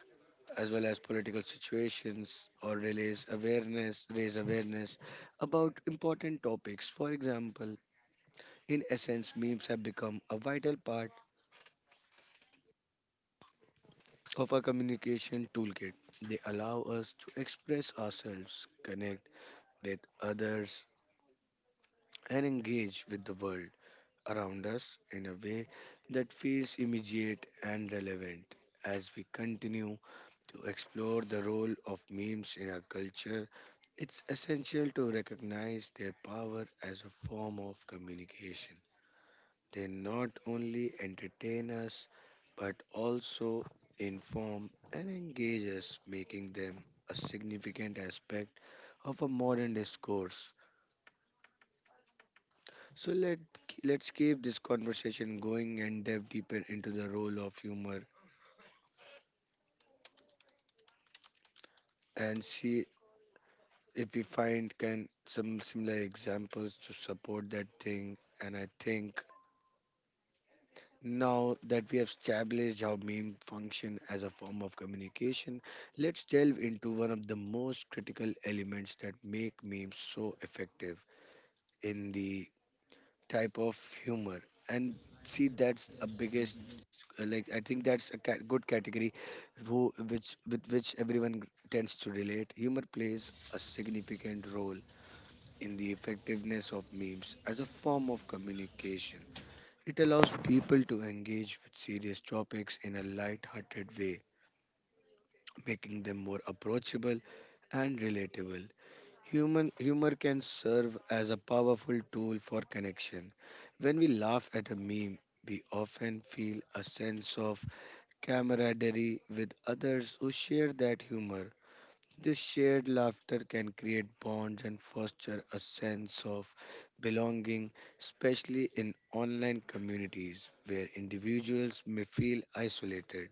S1: as well as political situations, or raise awareness, raise awareness about important topics. For example, in essence, memes have become a vital part of a communication toolkit. They allow us to express ourselves, connect with others, and engage with the world around us in a way that feels immediate and relevant. As we continue to explore the role of memes in our culture, it's essential to recognize their power as a form of communication. They not only entertain us but also inform and engage us, making them a significant aspect of a modern discourse. So let let's keep this conversation going and delve deeper into the role of humor and see if we find can some similar examples to support that thing. And I think now that we have established how meme function as a form of communication, let's delve into one of the most critical elements that make memes so effective in the type of humor. And see, that's a biggest, uh, like, I think that's a ca- good category who which with which everyone tends to relate. Humor plays a significant role in the effectiveness of memes as a form of communication. It allows people to engage with serious topics in a light-hearted way, making them more approachable and relatable. Human humor can serve as a powerful tool for connection. When we laugh at a meme, we often feel a sense of camaraderie with others who share that humor. This shared laughter can create bonds and foster a sense of belonging, especially in online communities where individuals may feel isolated.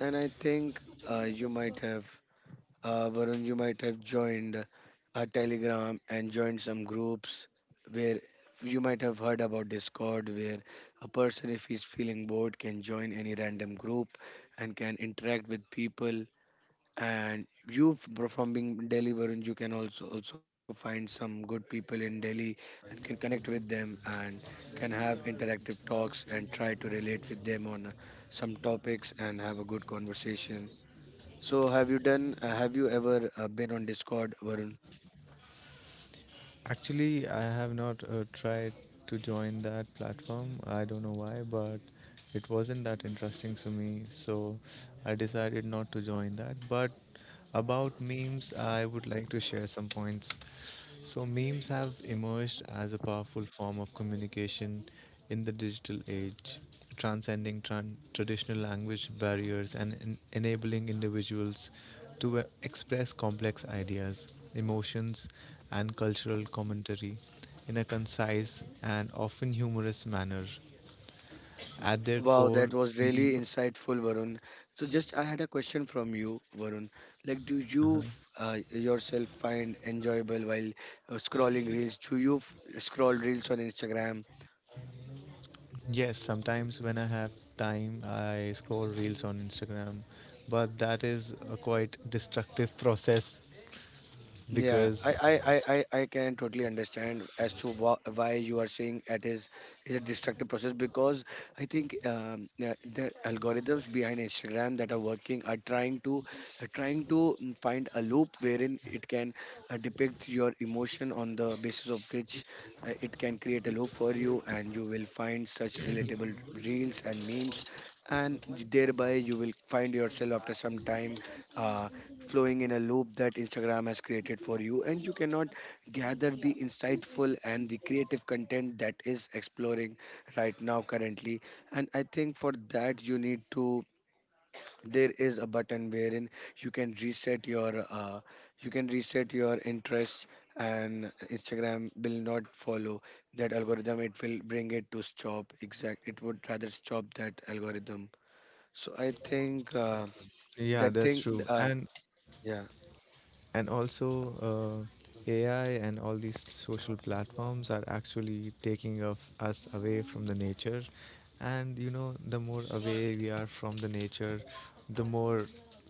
S1: And I think uh, you might have, uh, Varun, you might have joined a Telegram and joined some groups where you might have heard about Discord, where a person, if he's feeling bored, can join any random group and can interact with people. And you f- bro- from being Delhi Varun, you can also also find some good people in Delhi and can connect with them and can have interactive talks and try to relate with them on uh, some topics and have a good conversation. So have you done, uh, have you ever, uh, been on Discord, Varun?
S3: Actually, I have not uh, tried to join that platform. I don't know why, but it wasn't that interesting to me, so I decided not to join that. But about memes, I would like to share some points. So, memes have emerged as a powerful form of communication in the digital age, transcending tran- traditional language barriers and en- enabling individuals to uh, express complex ideas, emotions, and cultural commentary in a concise and often humorous manner. At their
S1: Wow, that
S3: core,
S1: was really
S3: meme.
S1: insightful, Varun. So, just I had a question from you, Varun. Like, do you f-
S3: uh
S1: uh, yourself find enjoyable while uh, scrolling reels? Do you f- scroll reels on Instagram?
S3: Yes, sometimes when I have time, I scroll reels on Instagram, but that is a quite destructive *laughs* process
S1: Yeah,
S3: because,
S1: I, I, I, I, I can totally understand as to wha- why you are saying it is is a destructive process, because I think um, yeah, the algorithms behind Instagram that are working are trying to are trying to mm, find a loop wherein it can uh, depict your emotion, on the basis of which uh, it can create a loop for you, and you will find such relatable reels and memes, and thereby you will find yourself after some time Uh, flowing in a loop that Instagram has created for you, and you cannot gather the insightful and the creative content that is exploring right now currently. And I think for that you need to, there is a button wherein you can reset your uh, you can reset your interests, and Instagram will not follow that algorithm. It will bring it to stop exact it would rather stop that algorithm. So I think uh,
S3: yeah,
S1: that
S3: that's
S1: thing,
S3: true.
S1: uh,
S3: And
S1: yeah,
S3: And also, uh, A I and all these social platforms are actually taking of us away from the nature. And you know, the more away we are from the nature, the more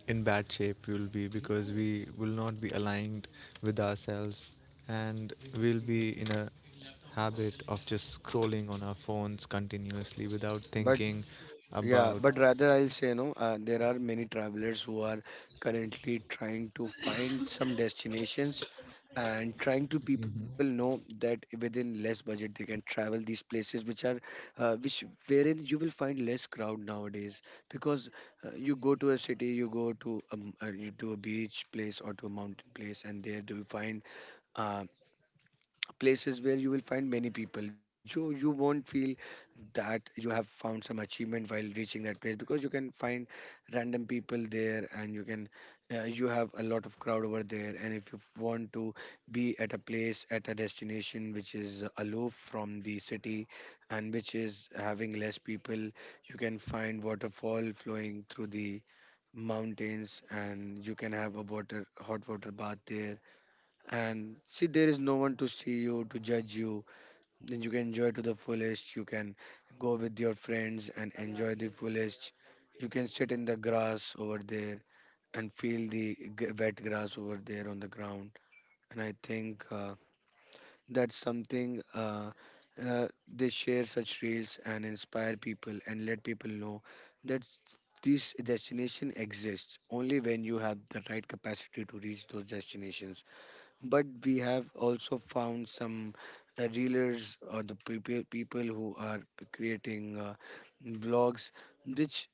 S3: in bad shape we will be because we will not be aligned with ourselves and we'll be in a habit of just scrolling on our phones continuously without
S1: but
S3: thinking
S1: yeah,
S3: about.
S1: but rather I'll say, no, uh, there are many travelers who are currently trying to find some destinations and trying to, people know that within less budget they can travel these places which are uh, which wherein you will find less crowd nowadays, because uh, you go to a city, you go to um, uh, you to a beach place or to a mountain place, and there do you find uh, places where you will find many people. So you won't feel that you have found some achievement while reaching that place, because you can find random people there, and you can uh, you have a lot of crowd over there. And if you want to be at a place, at a destination which is aloof from the city and which is having less people, you can find waterfall flowing through the mountains, and you can have a water hot water bath there, and see, there is no one to see you, to judge you. Then you can enjoy to the fullest, you can go with your friends and enjoy the fullest. You can sit in the grass over there and feel the g- wet grass over there on the ground. And I think uh, that's something, uh, uh, they share such reels and inspire people and let people know that this destination exists only when you have the right capacity to reach those destinations. But we have also found some uh, reelers or the people people who are creating uh, vlogs which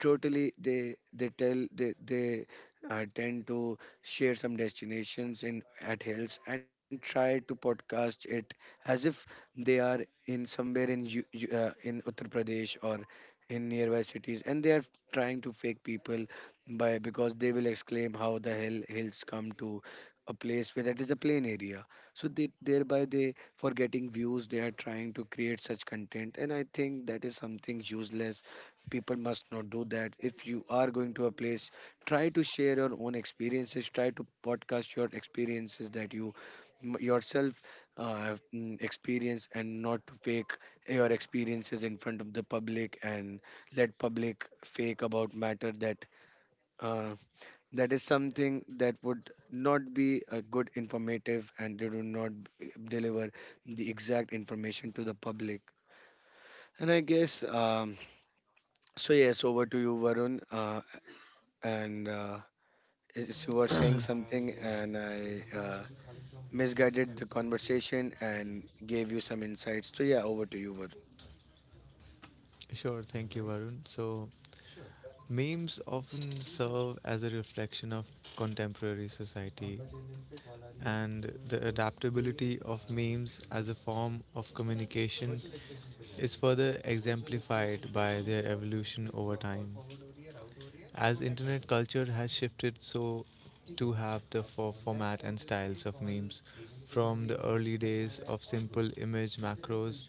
S1: totally they they tell they they uh, tend to share some destinations in at hills and try to podcast it as if they are in somewhere in U, U, uh, in Uttar Pradesh or in nearby cities, and they are trying to fake people by because they will exclaim how the hell hills come to a place where that is a plain area. So they thereby they, for getting views, they are trying to create such content, and I think that is something useless. People must not do that. If you are going to a place, try to share your own experiences, try to podcast your experiences that you m- yourself uh, have mm, experienced, and not to fake your experiences in front of the public and let public fake about matter that uh, that is something that would not be a good informative, and they do not b- deliver the exact information to the public. And I guess, um, so yes, over to you, Varun. Uh, and uh, As you were saying something and I, uh, misguided the conversation and gave you some insights, so yeah, over to you, Varun.
S3: Sure, thank you, Varun. So, memes often serve as a reflection of contemporary society and the adaptability of memes as a form of communication is further exemplified by their evolution over time. As internet culture has shifted, so too have the for format and styles of memes, from the early days of simple image macros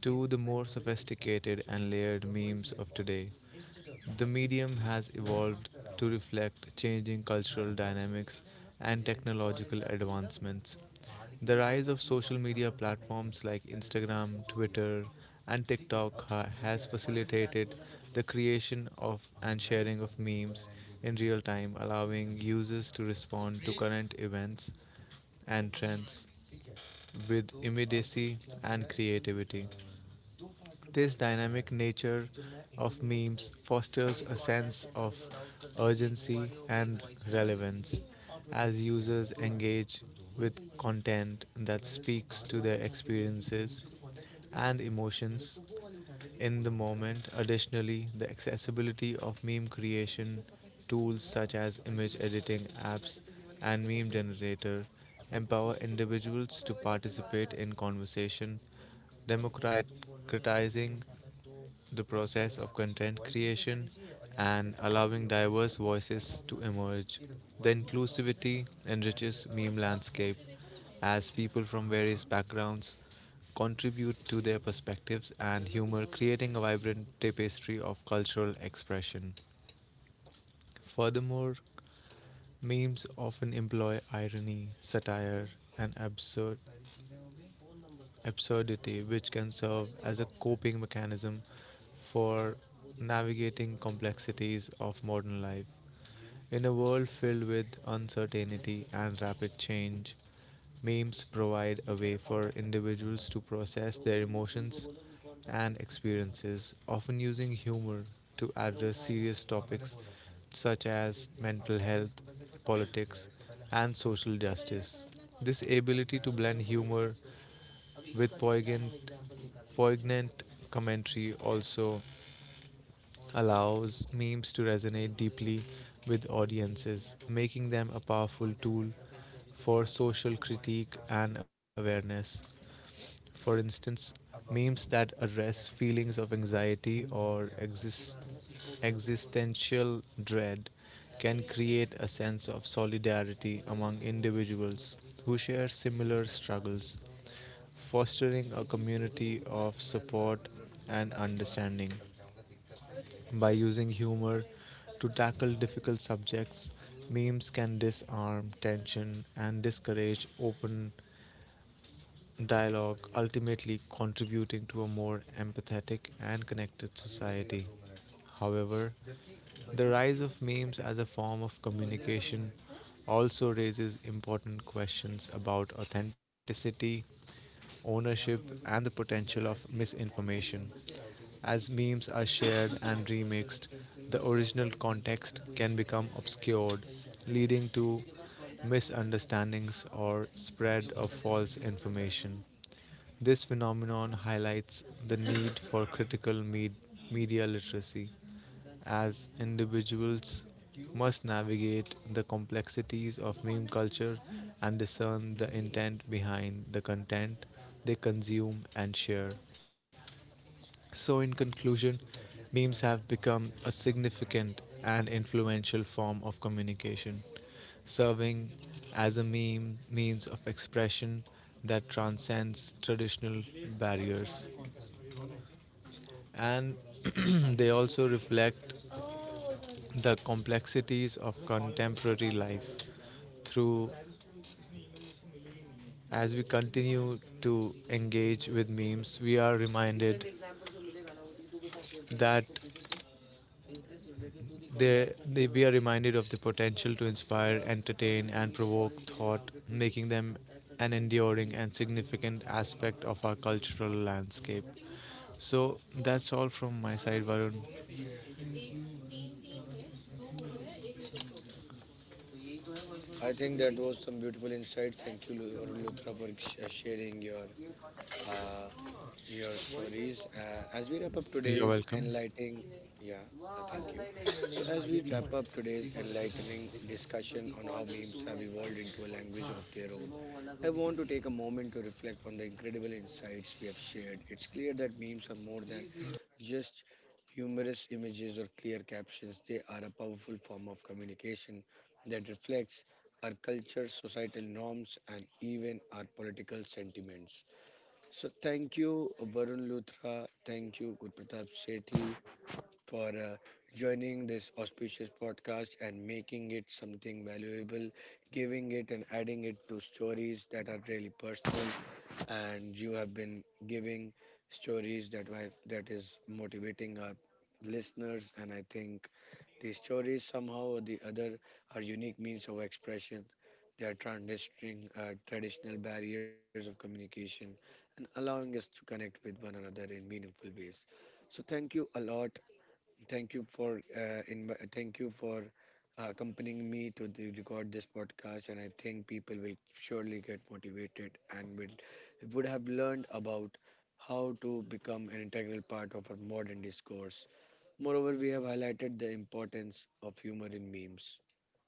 S3: to the more sophisticated and layered memes of today. The medium has evolved to reflect changing cultural dynamics and technological advancements. The rise of social media platforms like Instagram, Twitter, and TikTok ha- has facilitated the creation of and sharing of memes in real time, allowing users to respond to current events and trends with immediacy and creativity. This dynamic nature of memes fosters a sense of urgency and relevance as users engage with content that speaks to their experiences and emotions in the moment. Additionally, the accessibility of meme creation tools such as image editing apps and meme generator empower individuals to participate in conversation, democratizing the process of content creation and allowing diverse voices to emerge. The inclusivity enriches meme landscape as people from various backgrounds contribute to their perspectives and humor, creating a vibrant tapestry of cultural expression. Furthermore, memes often employ irony, satire, and absurd absurdity, which can serve as a coping mechanism for navigating complexities of modern life. In a world filled with uncertainty and rapid change, memes provide a way for individuals to process their emotions and experiences, often using humor to address serious topics such as mental health, politics, and social justice. This ability to blend humor with poignant, poignant commentary also allows memes to resonate deeply with audiences, making them a powerful tool for social critique and awareness. For instance, memes that address feelings of anxiety or exist- existential dread can create a sense of solidarity among individuals who share similar struggles, fostering a community of support and understanding. By using humor to tackle difficult subjects, memes can disarm tension and discourage open dialogue, ultimately contributing to a more empathetic and connected society. However, the rise of memes as a form of communication also raises important questions about authenticity, ownership, and the potential of misinformation. As memes are shared and remixed, the original context can become obscured, leading to misunderstandings or spread of false information. This phenomenon highlights the need for critical med- media literacy, as individuals must navigate the complexities of meme culture and discern the intent behind the content they consume and share. So, in conclusion, memes have become a significant and influential form of communication, serving as a meme means of expression that transcends traditional barriers. And *clears throat* they also reflect the complexities of contemporary life through. As we continue to engage with memes, we are reminded that they, they, we are reminded of the potential to inspire, entertain, and provoke thought, making them an enduring and significant aspect of our cultural landscape. So that's all from my side, Varun.
S1: I think that was some beautiful insights. Thank you, Lu- Varun Luthra, for sh- uh, sharing your uh, your stories. Uh, as we wrap up
S3: You're
S1: today's
S3: welcome.
S1: enlightening, yeah, uh, thank you. So, as we wrap up today's enlightening discussion on how memes have evolved into a language of their own,
S3: Sumo wala ko
S1: I
S3: dito.
S1: want to take a moment to reflect on the incredible insights we have shared. It's clear that memes are more than just humorous images or clear captions, they are a powerful form of communication that reflects our culture, societal norms, and even our political sentiments. So thank you, Varun Luthra. Thank you, Gurpratap Sethi, for uh, joining this auspicious podcast and making it something valuable, giving it and adding it to stories that are really personal. And you have been giving stories that were, that is motivating our listeners, and I think these stories, somehow or the other, are unique means of expression. They are transcending uh, traditional barriers of communication and allowing us to connect with one another in meaningful ways. So, thank you a lot. Thank you for uh, inv- thank you for uh, accompanying me to the record this podcast. And I think people will surely get motivated and will would have learned about how to become an integral part of our modern discourse. Moreover, we have highlighted the importance of humor in memes,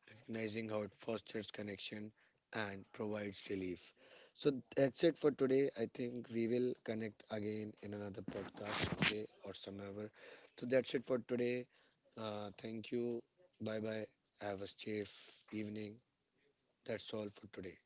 S1: recognizing how it fosters connection and provides relief. So that's it for today. I think we will connect again in another podcast today or somehow. So that's it for today. Uh, thank you. Bye bye. Have a safe evening. That's all for today.